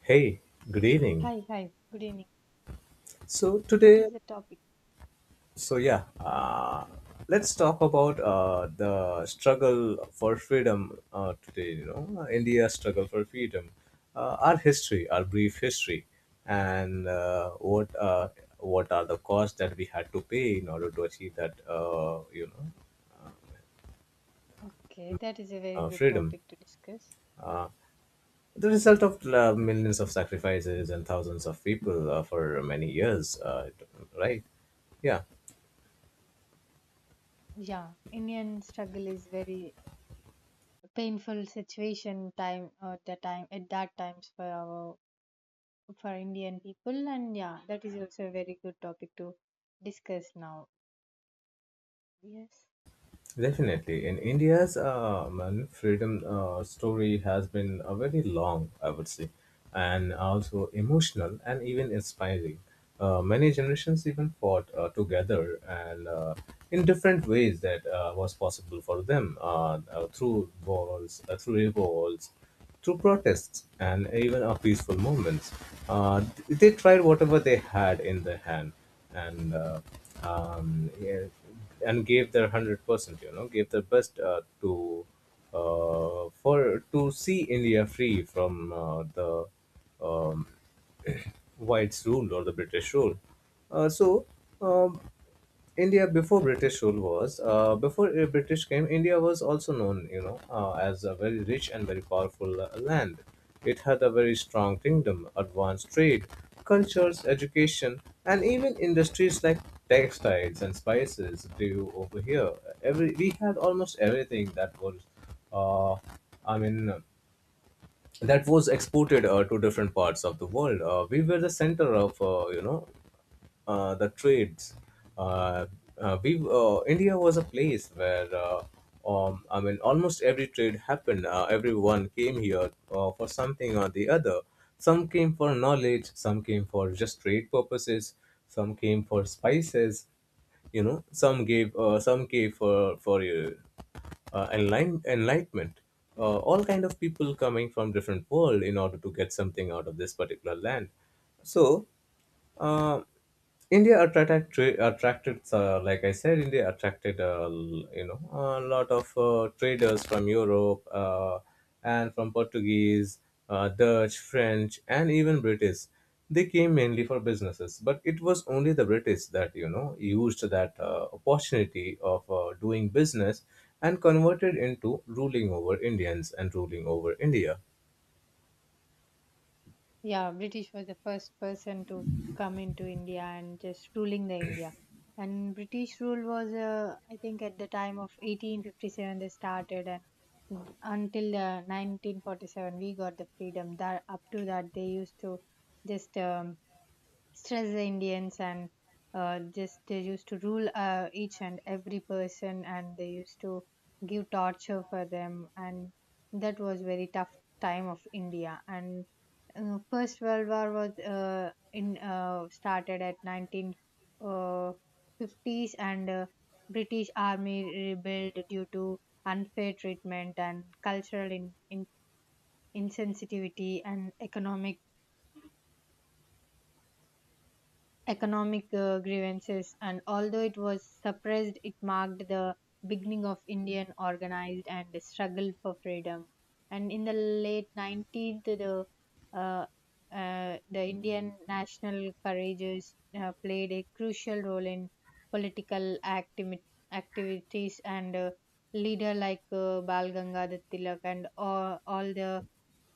Hey, good evening. Hi, hi, good evening. So What today, is the topic? so yeah, uh, let's talk about the struggle for freedom today. You know, India's struggle for freedom, our history, our brief history, and what are the costs that we had to pay in order to achieve that Okay, that is a very good freedom. topic to discuss. The result of millions of sacrifices and thousands of people for many years, right? Yeah. Yeah, Indian struggle is very painful situation time at the time at that times for our for Indian people, and yeah, that is also a very good topic to discuss now. Yes. Definitely. Freedom story has been a very long, I would say, and also emotional and even inspiring. Many generations even fought together and in different ways that was possible for them, through walls, through revolts, through protests and even our peaceful movements. Uh, they tried whatever they had in their hand and um, yeah, and gave their 100%. You know, gave their best to see India free from the whites' rule or the British rule. Uh, so. Um, India before British rule was before British came. India was also known, you know, as a very rich and very powerful land. It had a very strong kingdom, advanced trade, cultures, education, and even industries like textiles and spices grew over here. Every we had almost everything uh, I mean, that was exported to different parts of the world. We were the center of, the trades. Uh, we India was a place where, almost every trade happened. Everyone came here for something or the other. Some came for knowledge, some came for just trade purposes, some came for spices. You know, some gave for enlightenment. All kind of people coming from different world in order to get something out of this particular land. So uh, India attracted tra- attracted like I said, India attracted, you know, a lot of traders from Europe, and from Portuguese, Dutch, French, and even British. They came mainly for businesses, but it was only the British that you know used that opportunity of doing business and converted into ruling over Indians and ruling over India. Yeah, British was the first person to come into India and just ruling the India. And British rule was, I think, at the time of 1857 they started, and until 1947 we got the freedom. That up to that they used to just stress the Indians, and just they used to rule each and every person, and they used to give torture for them, and that was very tough time of India. And First World War was in started at 1950s, and British Army rebelled due to unfair treatment and cultural insensitivity and economic grievances, and although it was suppressed, it marked the beginning of Indian organized and the struggle for freedom. And in the late 19th, uh, the Indian national courageous played a crucial role in political activi- activities, and leader like Bal Gangadhar Tilak, and all the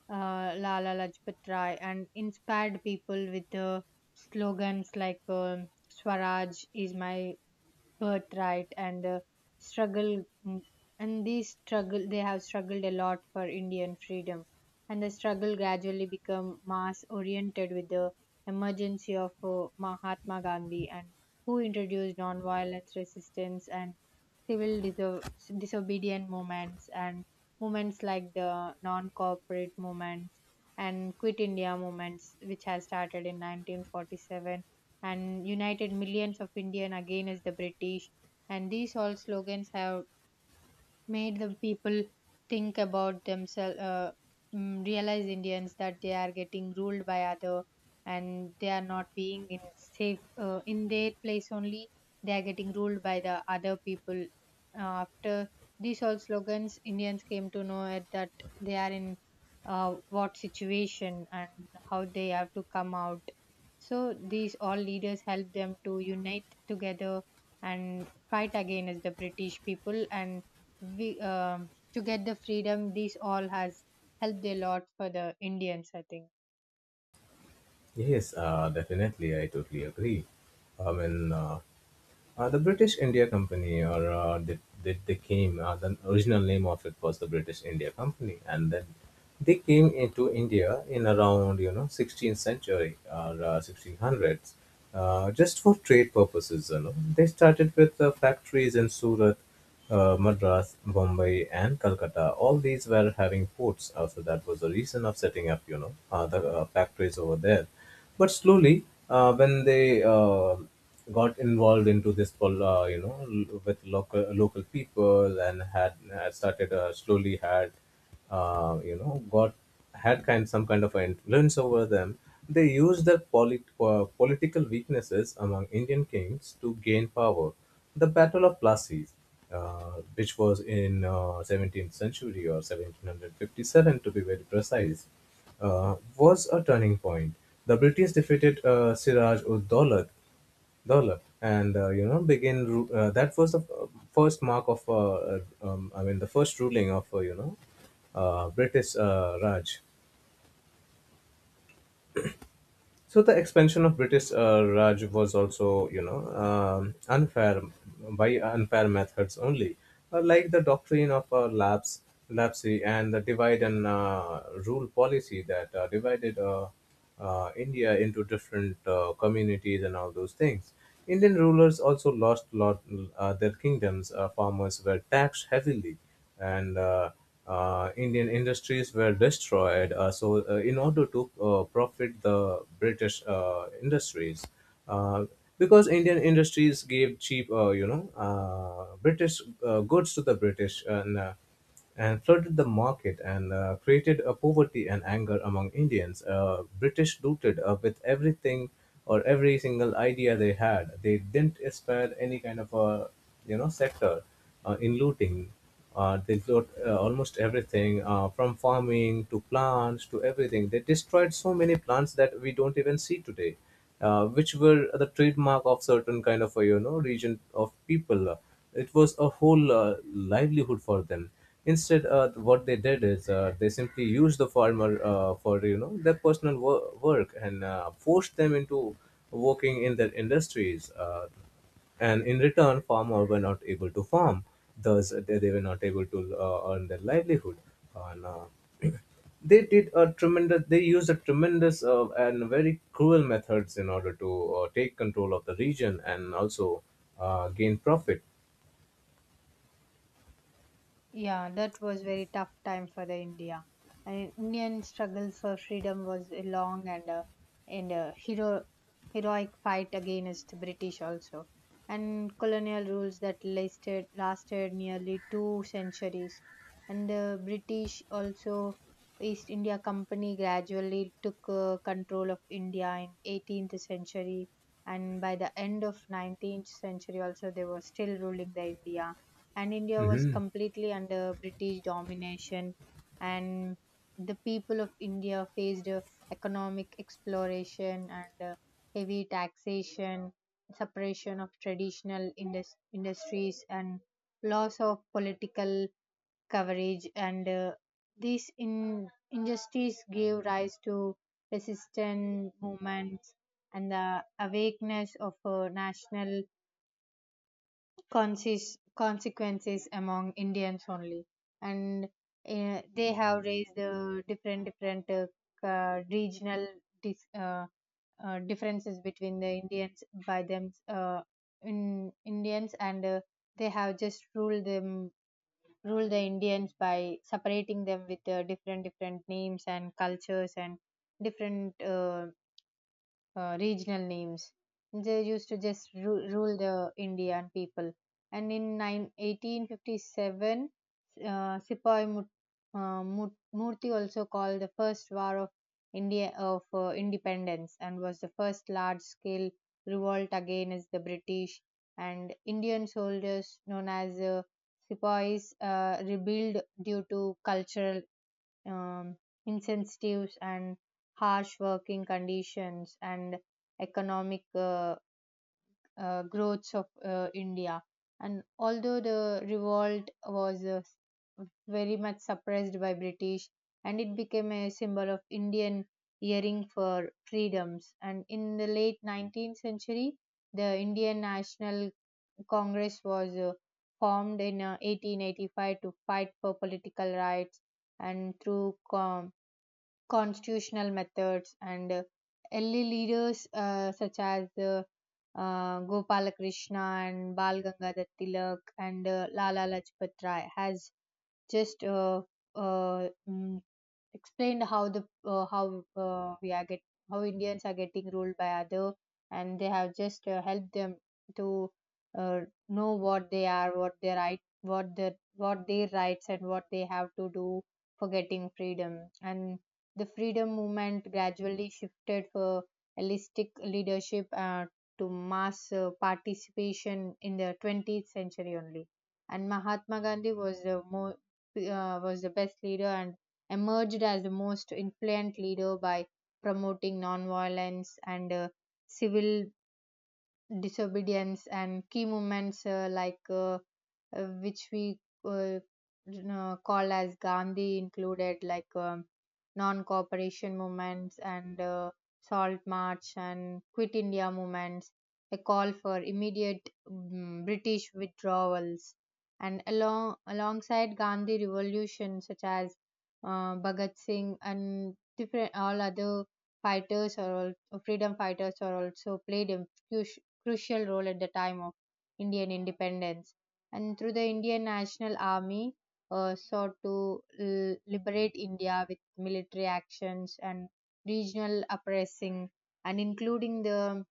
Lala Lajpat Rai, and inspired people with slogans like Swaraj is my birthright and struggle. And these struggle they have struggled a lot for Indian freedom, and the struggle gradually become mass oriented with the emergency of Mahatma Gandhi, and who introduced non-violence resistance and civil diso- disobedient movements, and movements like the non-corporate movements and quit India movements, which has started in 1947 and united millions of Indians against the British. And these all slogans have made the people think about themselves, realize Indians that they are getting ruled by other and they are not being in safe in their place only, they are getting ruled by the other people. After these all slogans, Indians came to know it that they are in, what situation and how they have to come out. So these all leaders helped them to unite together and fight against the British people, and we to get the freedom, this all has helped a lot for the Indians, I think. Yes, definitely, I totally agree. I mean. The British India Company, or they came, the original name of it was the British India Company, and then they came into India in around you know 16th century or 1600s, just for trade purposes. You know, they started with factories in Surat, Madras, Bombay, and Calcutta. All these were having ports. So that was the reason of setting up, you know, the factories over there. But slowly, when they got involved into this, you know, with local people and had started slowly had you know got had kind some kind of influence over them, they used their political weaknesses among Indian kings to gain power. The Battle of Plassey, which was in 17th century or 1757 to be very precise, was a turning point. The British defeated Siraj-ud-Daulat dollar, and you know that was the first mark of I mean, the first ruling of, British Raj. So the expansion of British Raj was also, unfair, by unfair methods only, like the doctrine of lapse and the divide and rule policy that divided India into different communities and all those things. Indian rulers also lost lot their kingdoms. Farmers were taxed heavily, and Indian industries were destroyed. In order to profit the British industries, uh, because Indian industries gave cheap, British goods to the British, and flooded the market and created a poverty and anger among Indians. British looted with everything or every single idea they had. They didn't spare any kind of a you know sector in looting. They loot almost everything, from farming to plants to everything. They destroyed so many plants that we don't even see today which were the trademark of certain kind of a, you know, region of people. It was a whole livelihood for them. Instead, what they did is they simply used the farmer for you know their personal work and forced them into working in their industries. And in return farmer were not able to farm, thus they were not able to earn their livelihood, and they used a tremendous and very cruel methods in order to take control of the region and also gain profit. Yeah, that was very tough time for the India. And Indian struggle for freedom was a long, and and a heroic fight against the British also, and colonial rules that lasted nearly 2 centuries. And the British also East India Company gradually took control of India in 18th century, and by the end of 19th century also they were still ruling the India, and India was Hmm. completely under British domination, and the people of India faced economic exploration and heavy taxation, suppression of traditional industries, and loss of political coverage. And these injustices gave rise to resistance movements and the awakeness of national consequences among Indians only, and they have raised the different different regional dis- uh, differences between the Indians by them, in Indians, and they have just ruled the Indians by separating them with different different names and cultures and different regional names. They used to just rule the Indian people. And in nine 1857, 1857, Sipahi Murthy also called the first war of India of independence, and was the first large scale revolt against the British. And Indian soldiers known as Sipahis rebelled due to cultural um, incentives and harsh working conditions and economic growths of India. And although the revolt was very much suppressed by British, and it became a symbol of Indian yearning for freedoms. And in the late 19th century, the Indian National Congress was formed in 1885 to fight for political rights and through constitutional methods, and early leaders such as Gopalakrishna and Bal Gangadhar Tilak and Lala Lajpat Rai has just uh, mm, explained how Indians are getting ruled by other, and they have just helped them to uh, know what they are, what their right, what their rights and what they have to do for getting freedom. And the freedom movement gradually shifted for holistic leadership, to mass participation in the 20th century only. And Mahatma Gandhi was the more was the best leader, and emerged as the most influential leader by promoting nonviolence and civil disobedience, and key movements like which we uh, you know, call as Gandhi included, like non-cooperation movements and salt march and quit India movements, a call for immediate British withdrawals, and along alongside Gandhi revolution such as Bhagat Singh, and different all other fighters or freedom fighters are also played a huge, crucial role at the time of Indian independence. And through the Indian National Army, sought to liberate India with military actions and regional uprising, and including the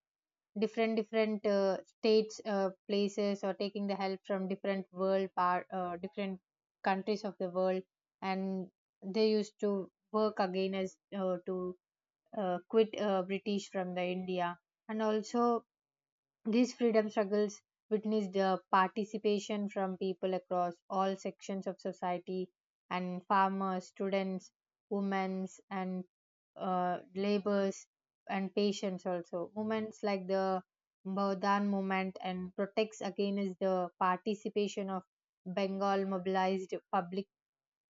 different different states, places, or taking the help from different world part, different countries of the world, and they used to work again as to quit British from the India. And also these freedom struggles witnessed participation from people across all sections of society, and farmers, students, women, and laborers and patients also. Movements like the Baudan movement and protects against the participation of Bengal mobilized public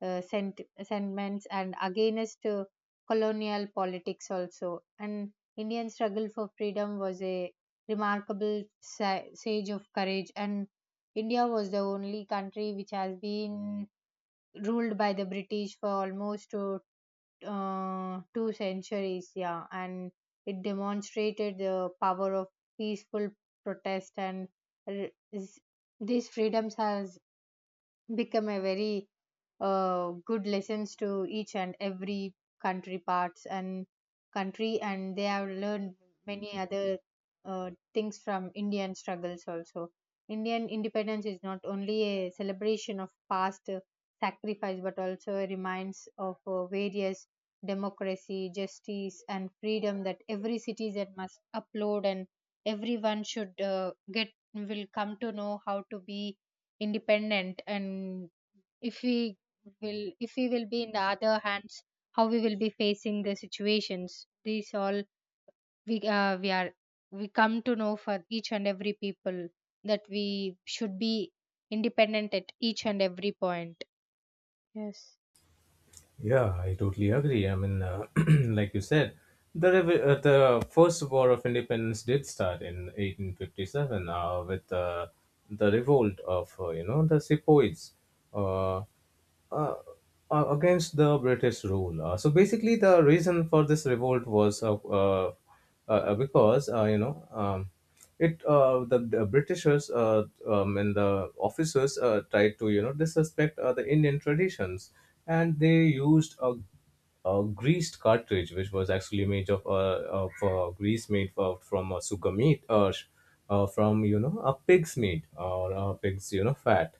sentiments, and against colonial politics also. And Indian struggle for freedom was a remarkable sage of courage. And India was the only country which has been ruled by the British for almost 2 centuries. Yeah, and it demonstrated the power of peaceful protest. And r- is- these freedoms has become a very good lessons to each and every country parts and country, and they have learned many other things from Indian struggles also. Indian independence is not only a celebration of past sacrifice, but also a reminds of various democracy, justice, and freedom that every citizen must upload, and everyone should get will come to know how to be independent, and if we will, if we will be in the other hands, how we will be facing the situations, these all we are we come to know for each and every people, that we should be independent at each and every point. Yes. Yeah, I totally agree. I mean, like you said, the first war of independence did start in 1857, with the revolt of you know the sepoys, uh, uh, against the British rule. So basically, the reason for this revolt was because you know, it the Britishers and the officers tried to you know disrespect the Indian traditions, and they used a greased cartridge, which was actually made of grease made for, from a sugar meat, from you know a pig's meat or a pig's you know fat.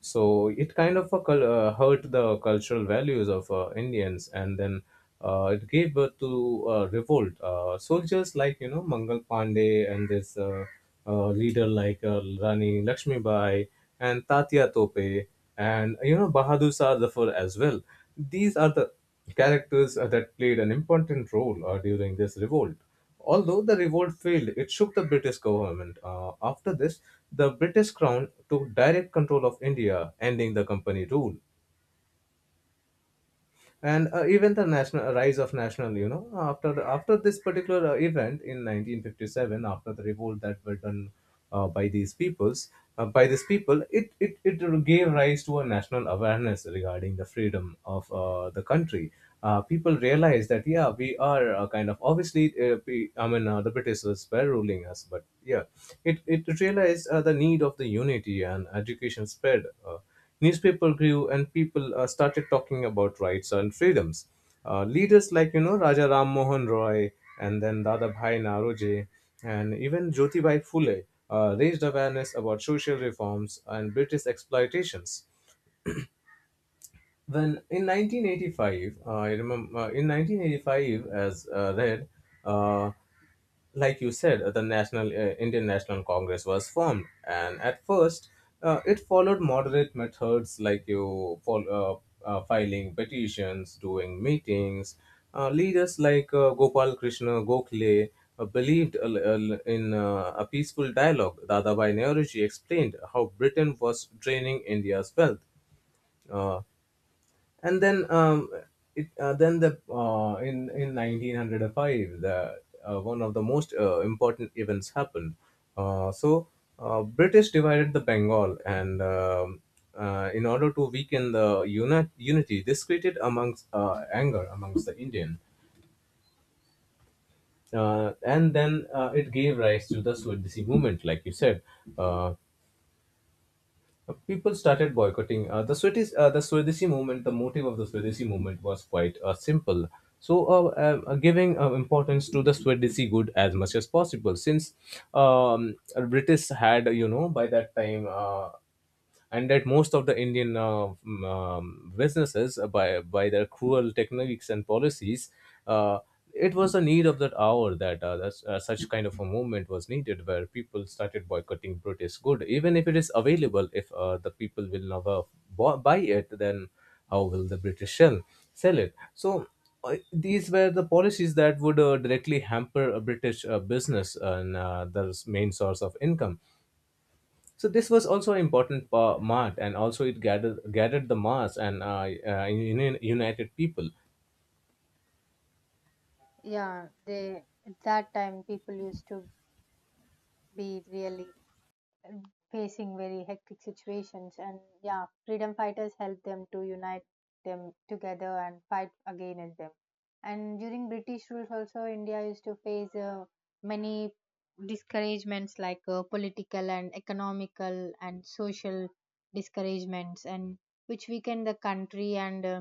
So it kind of hurt the cultural values of Indians, and then it gave birth to revolt. Soldiers like you know Mangal Pandey and this, leader like Rani Lakshmibai and Tatya Tope and you know Bahadur Shah Zafar as well. These are the characters that played an important role during this revolt. Although the revolt failed, it shook the British government. After this, the British crown took direct control of India, ending the company rule, and even the national rise of national you know after this particular event in 1957, after the revolt that were done uh, by these peoples by these people, it gave rise to a national awareness regarding the freedom of the country. People realized that yeah we are kind of obviously I mean the British were ruling us, but yeah, it realized the need of the unity, and education spread, newspaper grew and people started talking about rights and freedoms. Leaders like you know Raja Ram Mohan Roy and then Dadabhai Naroje and even Jyotibai Phule raised awareness about social reforms and British exploitations. In 1985, as read, uh, like you said, the National Indian National Congress was formed, and at first, it followed moderate methods like you follow, filing petitions, doing meetings. Leaders like Gopal Krishna Gokhale believed in a peaceful dialogue. Dadabhai Nehruji explained how Britain was draining India's wealth. Uh, and then it then the in 1905, the one of the most important events happened. uh, so British divided the Bengal, and in order to weaken the unity, this created amongst anger amongst the Indian, and then it gave rise to the Swadeshi movement, like you said. Uh, People started boycotting the Swadeshi movement. The motive of the Swadeshi movement was quite simple. So, giving importance to the Swadeshi good as much as possible, since um, British had you know by that time. And that most of the Indian, businesses by their cruel techniques and policies. Uh, it was a need of that hour that such kind of a movement was needed, where people started boycotting British good even if it is available. If the people will never buy it, then how will the British shell sell it? So these were the policies that would directly hamper a British business and the main source of income. So this was also an important mart, and also it gathered the mass and united people. Yeah, they, at that time people used to be really facing very hectic situations, and yeah, freedom fighters helped them to unite them together and fight against them. And during British rules also, India used to face many discouragements, like political and economical and social discouragements, and which weakened the country and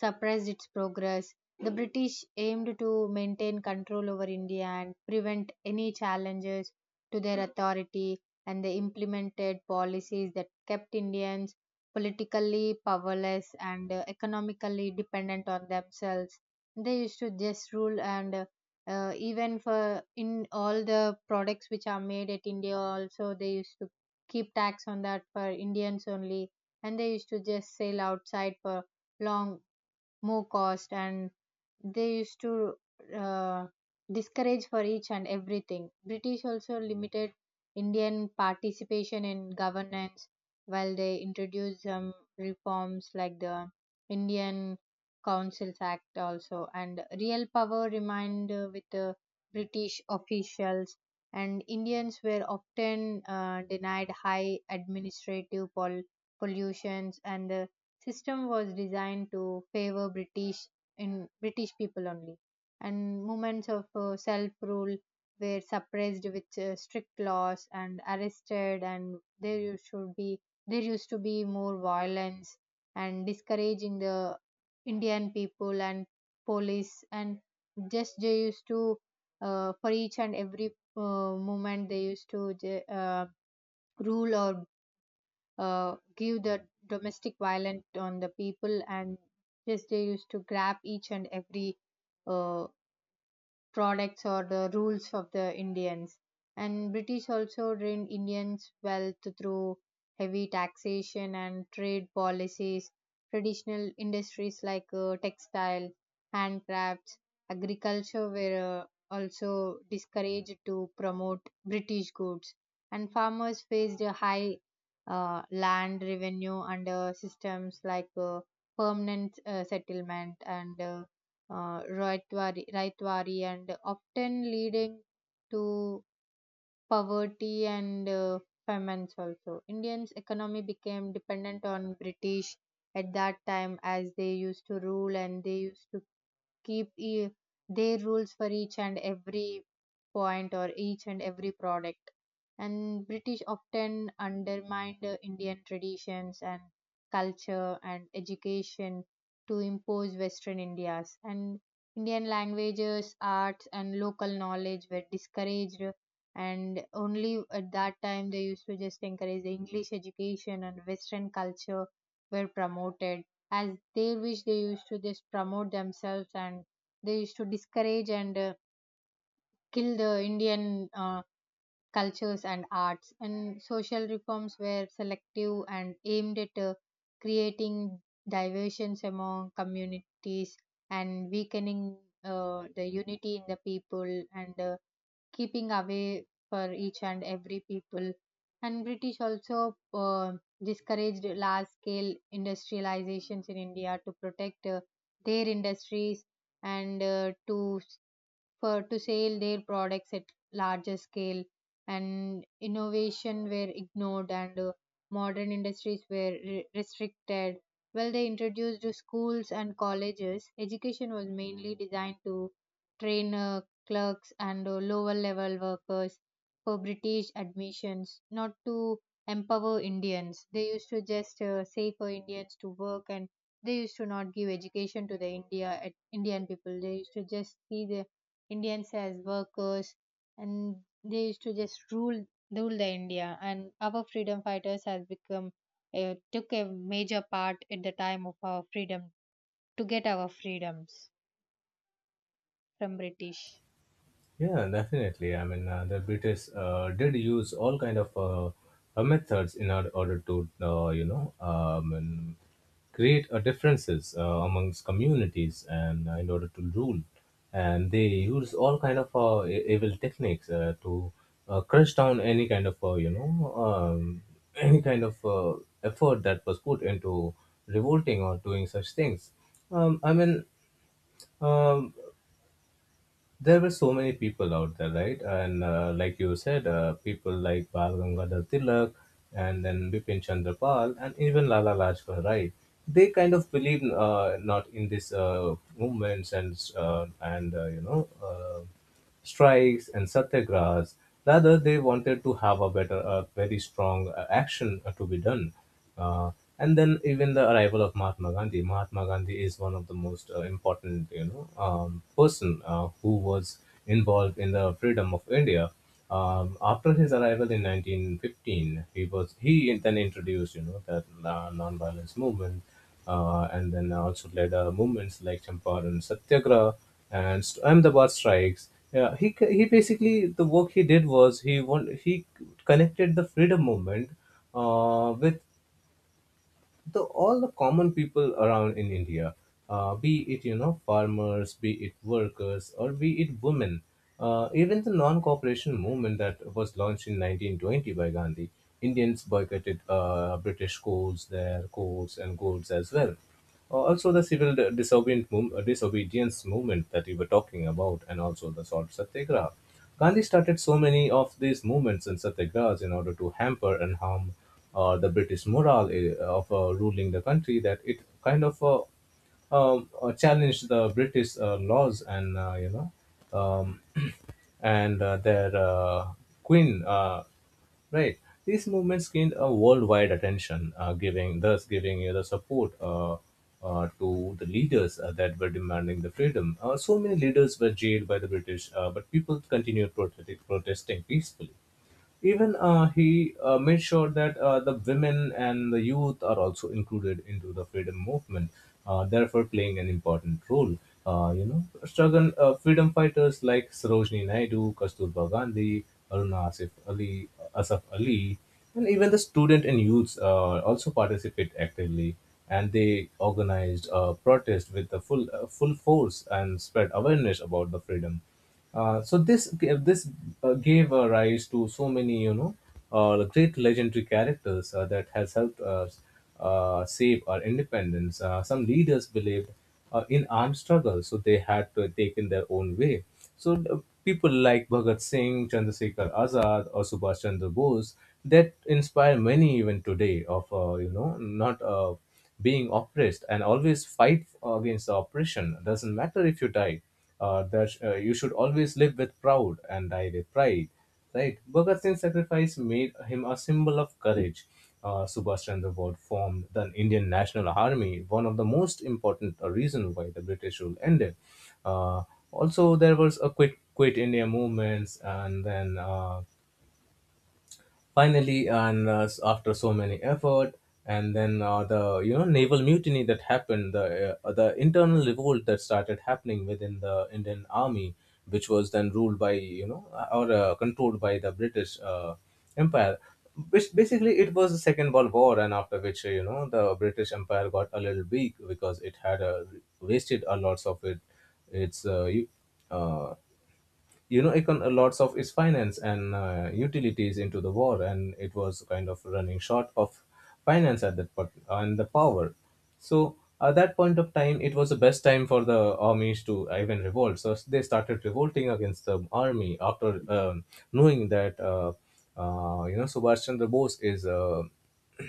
suppressed its progress. The British aimed to maintain control over India and prevent any challenges to their authority, and they implemented policies that kept Indians politically powerless and economically dependent on themselves. They used to just rule, and even for in all the products which are made at India also, they used to keep tax on that for Indians only, and they used to just sail outside for long more cost, and they used to uh, discourage for each and everything. British also limited Indian participation in governance, while they introduced some reforms like the Indian Councils Act also, and real power remained with the British officials, and Indians were often denied high administrative pollutions, and system was designed to favor British in British people only, and movements of self rule were suppressed with strict laws and arrested, and there used to be more violence and discouraging the Indian people and police, and just they used to, for each and every movement they used to uh, rule or give the domestic violence on the people, and just they used to grab each and every uh, products or the rules of the Indians. And British also drained Indians' wealth through heavy taxation and trade policies. Traditional industries like textile, handcrafts, agriculture were also discouraged to promote British goods. And farmers faced a high land revenue under systems like permanent settlement, and rivalry, and often leading to poverty and famines also. Indians' economy became dependent on British at that time, as they used to rule, and they used to keep their rules for each and every point or each and every product. And British often undermined the Indian traditions and culture and education to impose Western India's. And Indian languages, arts, and local knowledge were discouraged. And only at that time they used to just encourage the English education, and Western culture were promoted as they, which they used to just promote themselves, and they used to discourage and kill the Indian cultures and arts. And social reforms were selective and aimed at creating diversions among communities and weakening the unity in the people, and keeping away for each and every people. And British also discouraged large scale industrializations in India to protect their industries, and to for to sell their products at larger scale, and innovation were ignored, and modern industries were restricted. Well, they introduced to schools and colleges, education was mainly designed to train clerks and lower level workers for British admissions, not to empower Indians. They used to just say for Indians to work, and they used to not give education to the Indian people. They used to just see the Indians as workers, and they used to just rule the India. And our freedom fighters has become, took a major part at the time of our freedom to get our freedoms from British. Yeah, definitely. I mean, the British did use all kind of methods in order to, and create differences amongst communities and in order to rule. And they use all kind of evil techniques to crush down any kind of, any kind of effort that was put into revolting or doing such things. Um, I mean, um, there were so many people out there, right? And like you said, people like Bal Gangadhar Tilak and then Bipin Chandra Pal and even Lala Lajpat Rai. They kind of believe not in these movements and. Strikes and satyagrahs. Rather, they wanted to have a better, a very strong action to be done. Uh, and then even the arrival of Mahatma Gandhi. Mahatma Gandhi is one of the most important, person who was involved in the freedom of India. After his arrival in 1915, he then introduced, that non-violence movement and then also led movements like Champaran Satyagraha and Ahmedabad strikes. Yeah, he basically the work he did was he connected the freedom movement with the all the common people around in India, be it farmers, be it workers, or be it women. Even the non-cooperation movement that was launched in 1920 by Gandhi, Indians boycotted British coals, their coals and goods as well also, the civil disobedience movement that we were talking about, and also the salt satyagraha. Gandhi started so many of these movements and satyagrahas in order to hamper and harm the British morale of ruling the country that it kind of challenged the British laws and um, and their queen. Right. These movements gained a worldwide attention, giving thus giving you the support to the leaders that were demanding the freedom. So many leaders were jailed by the British, but people continued protesting peacefully. Even he made sure that the women and the youth are also included into the freedom movement, therefore playing an important role. Struggle freedom fighters like Sarojini Naidu, Kasturba Gandhi, Aruna Asif Ali, Asaf Ali, and even the student and youths also participate actively. And they organized protest with the full force and spread awareness about the freedom. This gave rise to so many great legendary characters that has helped us save our independence. Some leaders believed in armed struggle, so they had to take in their own way. People like Bhagat Singh, Chandrasekhar Azad, or Subhash Chandra Bose that inspire many even today of not being oppressed and always fight against the oppression. Doesn't matter if you die that you should always live with proud and die with pride. Right? Bhagat Singh's sacrifice made him a symbol of courage. Subhash Chandra Bose formed the Indian National Army, one of the most important reason why the British rule ended. Uh, Also, there was a quit India movements, and then finally after so many effort and then the naval mutiny that happened, the internal revolt that started happening within the Indian army, which was then ruled by you know or controlled by the British empire, which basically it was the Second World War, and after which the British empire got a little weak because it had wasted a lots of it its u- uh, you know econ lots of its finance and utilities into the war, and it was kind of running short of finance at that point and the power. So at that point of time it was the best time for the armies to even revolt, so they started revolting against the army after knowing that Subhash Chandra Bose is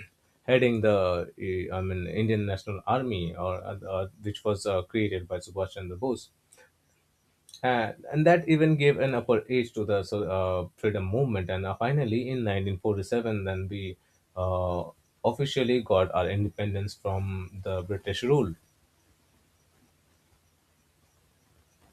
heading the I mean Indian National Army, or which was created by Subhash Chandra Bose. And that even gave an upper edge to the so, freedom movement. And Finally, in 1947, then we uh, officially got our independence from the British rule.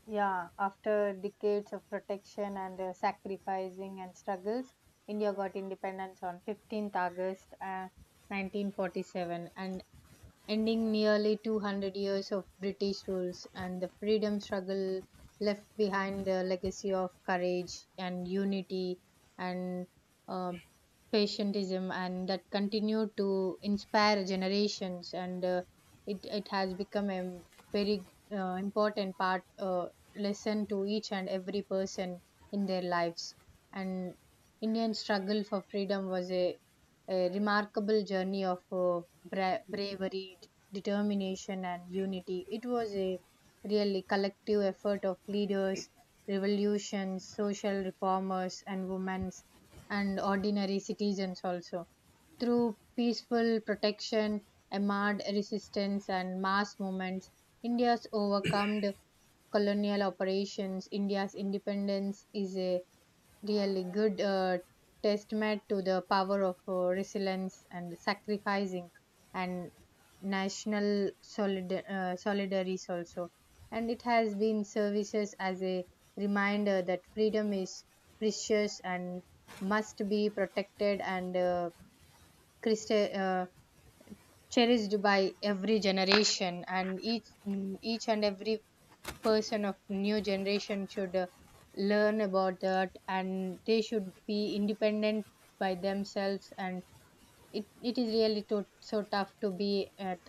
Yeah, after decades of protection and sacrificing and struggles, India got independence on 15th August 1947, and ending nearly 200 years of British rules, and the freedom struggle left behind the legacy of courage and unity and uh, patientism, and that continue to inspire generations. And it, it has become a very important part, lesson to each and every person in their lives. And Indian struggle for freedom was a remarkable journey of bravery, determination, and unity. It was a really collective effort of leaders, revolutions, social reformers, and women's and ordinary citizens also, through peaceful protection, armed resistance, and mass movements, India's overcome colonial operations. India's independence is a really good testament to the power of resilience and sacrificing and national solidaries also, and it has been services as a reminder that freedom is precious and must be protected and Christi- uh, cherished by every generation, and each, each and every person of new generation should learn about that, and they should be independent by themselves. And it is really to, so tough to be at,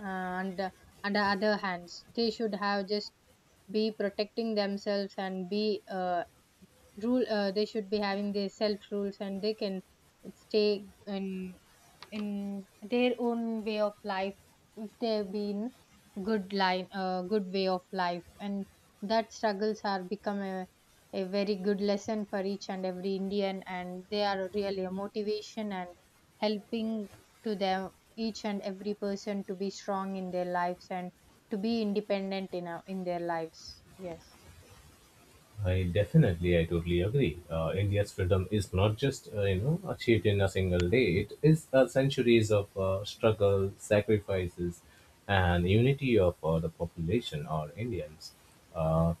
uh, under under other hands, they should have just be protecting themselves and be rule they should be having their self rules, and they can stay in their own way of life, if they've been good line, good way of life. And that struggles are become a very good lesson for each and every Indian, and they are really a motivation and helping to them each and every person to be strong in their lives and to be independent in a, in their lives. Yes. I totally agree. India's freedom is not just achieved in a single day. It is centuries of struggle, sacrifices, and unity of the population or Indians. Uh,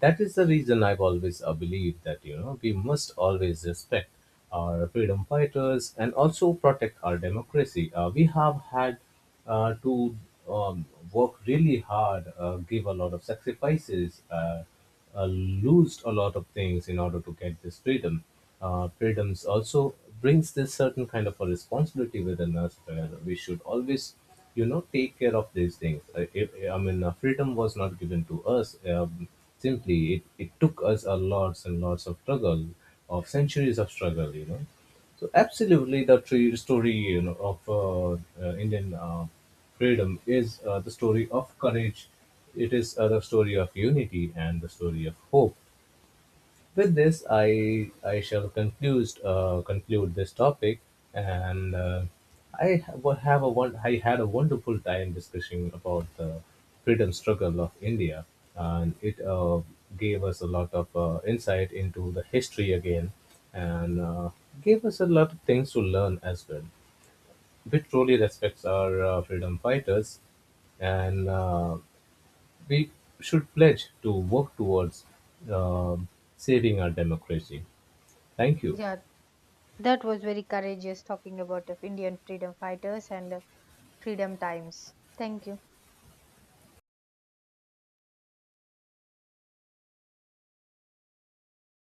that is the reason I've always believed that we must always respect our freedom fighters and also protect our democracy. We have had to um, work really hard, give a lot of sacrifices, lose a lot of things in order to get this freedom. Freedoms also brings this certain kind of a responsibility within us where we should always, take care of these things. If, I mean, freedom was not given to us. Simply, it took us a lots and lots of struggle, of centuries of struggle, so absolutely, the tree story, of Indian freedom is the story of courage. It is the story of unity and the story of hope. With this, I shall conclude this topic, and I ha- wa- have a one I had a wonderful time discussing about the freedom struggle of India, and it gave us a lot of insight into the history again, and gave us a lot of things to learn as well. Which truly respects our freedom fighters, and we should pledge to work towards uh, saving our democracy. Thank you. Yeah, that was very courageous talking about of Indian freedom fighters and freedom times. Thank you.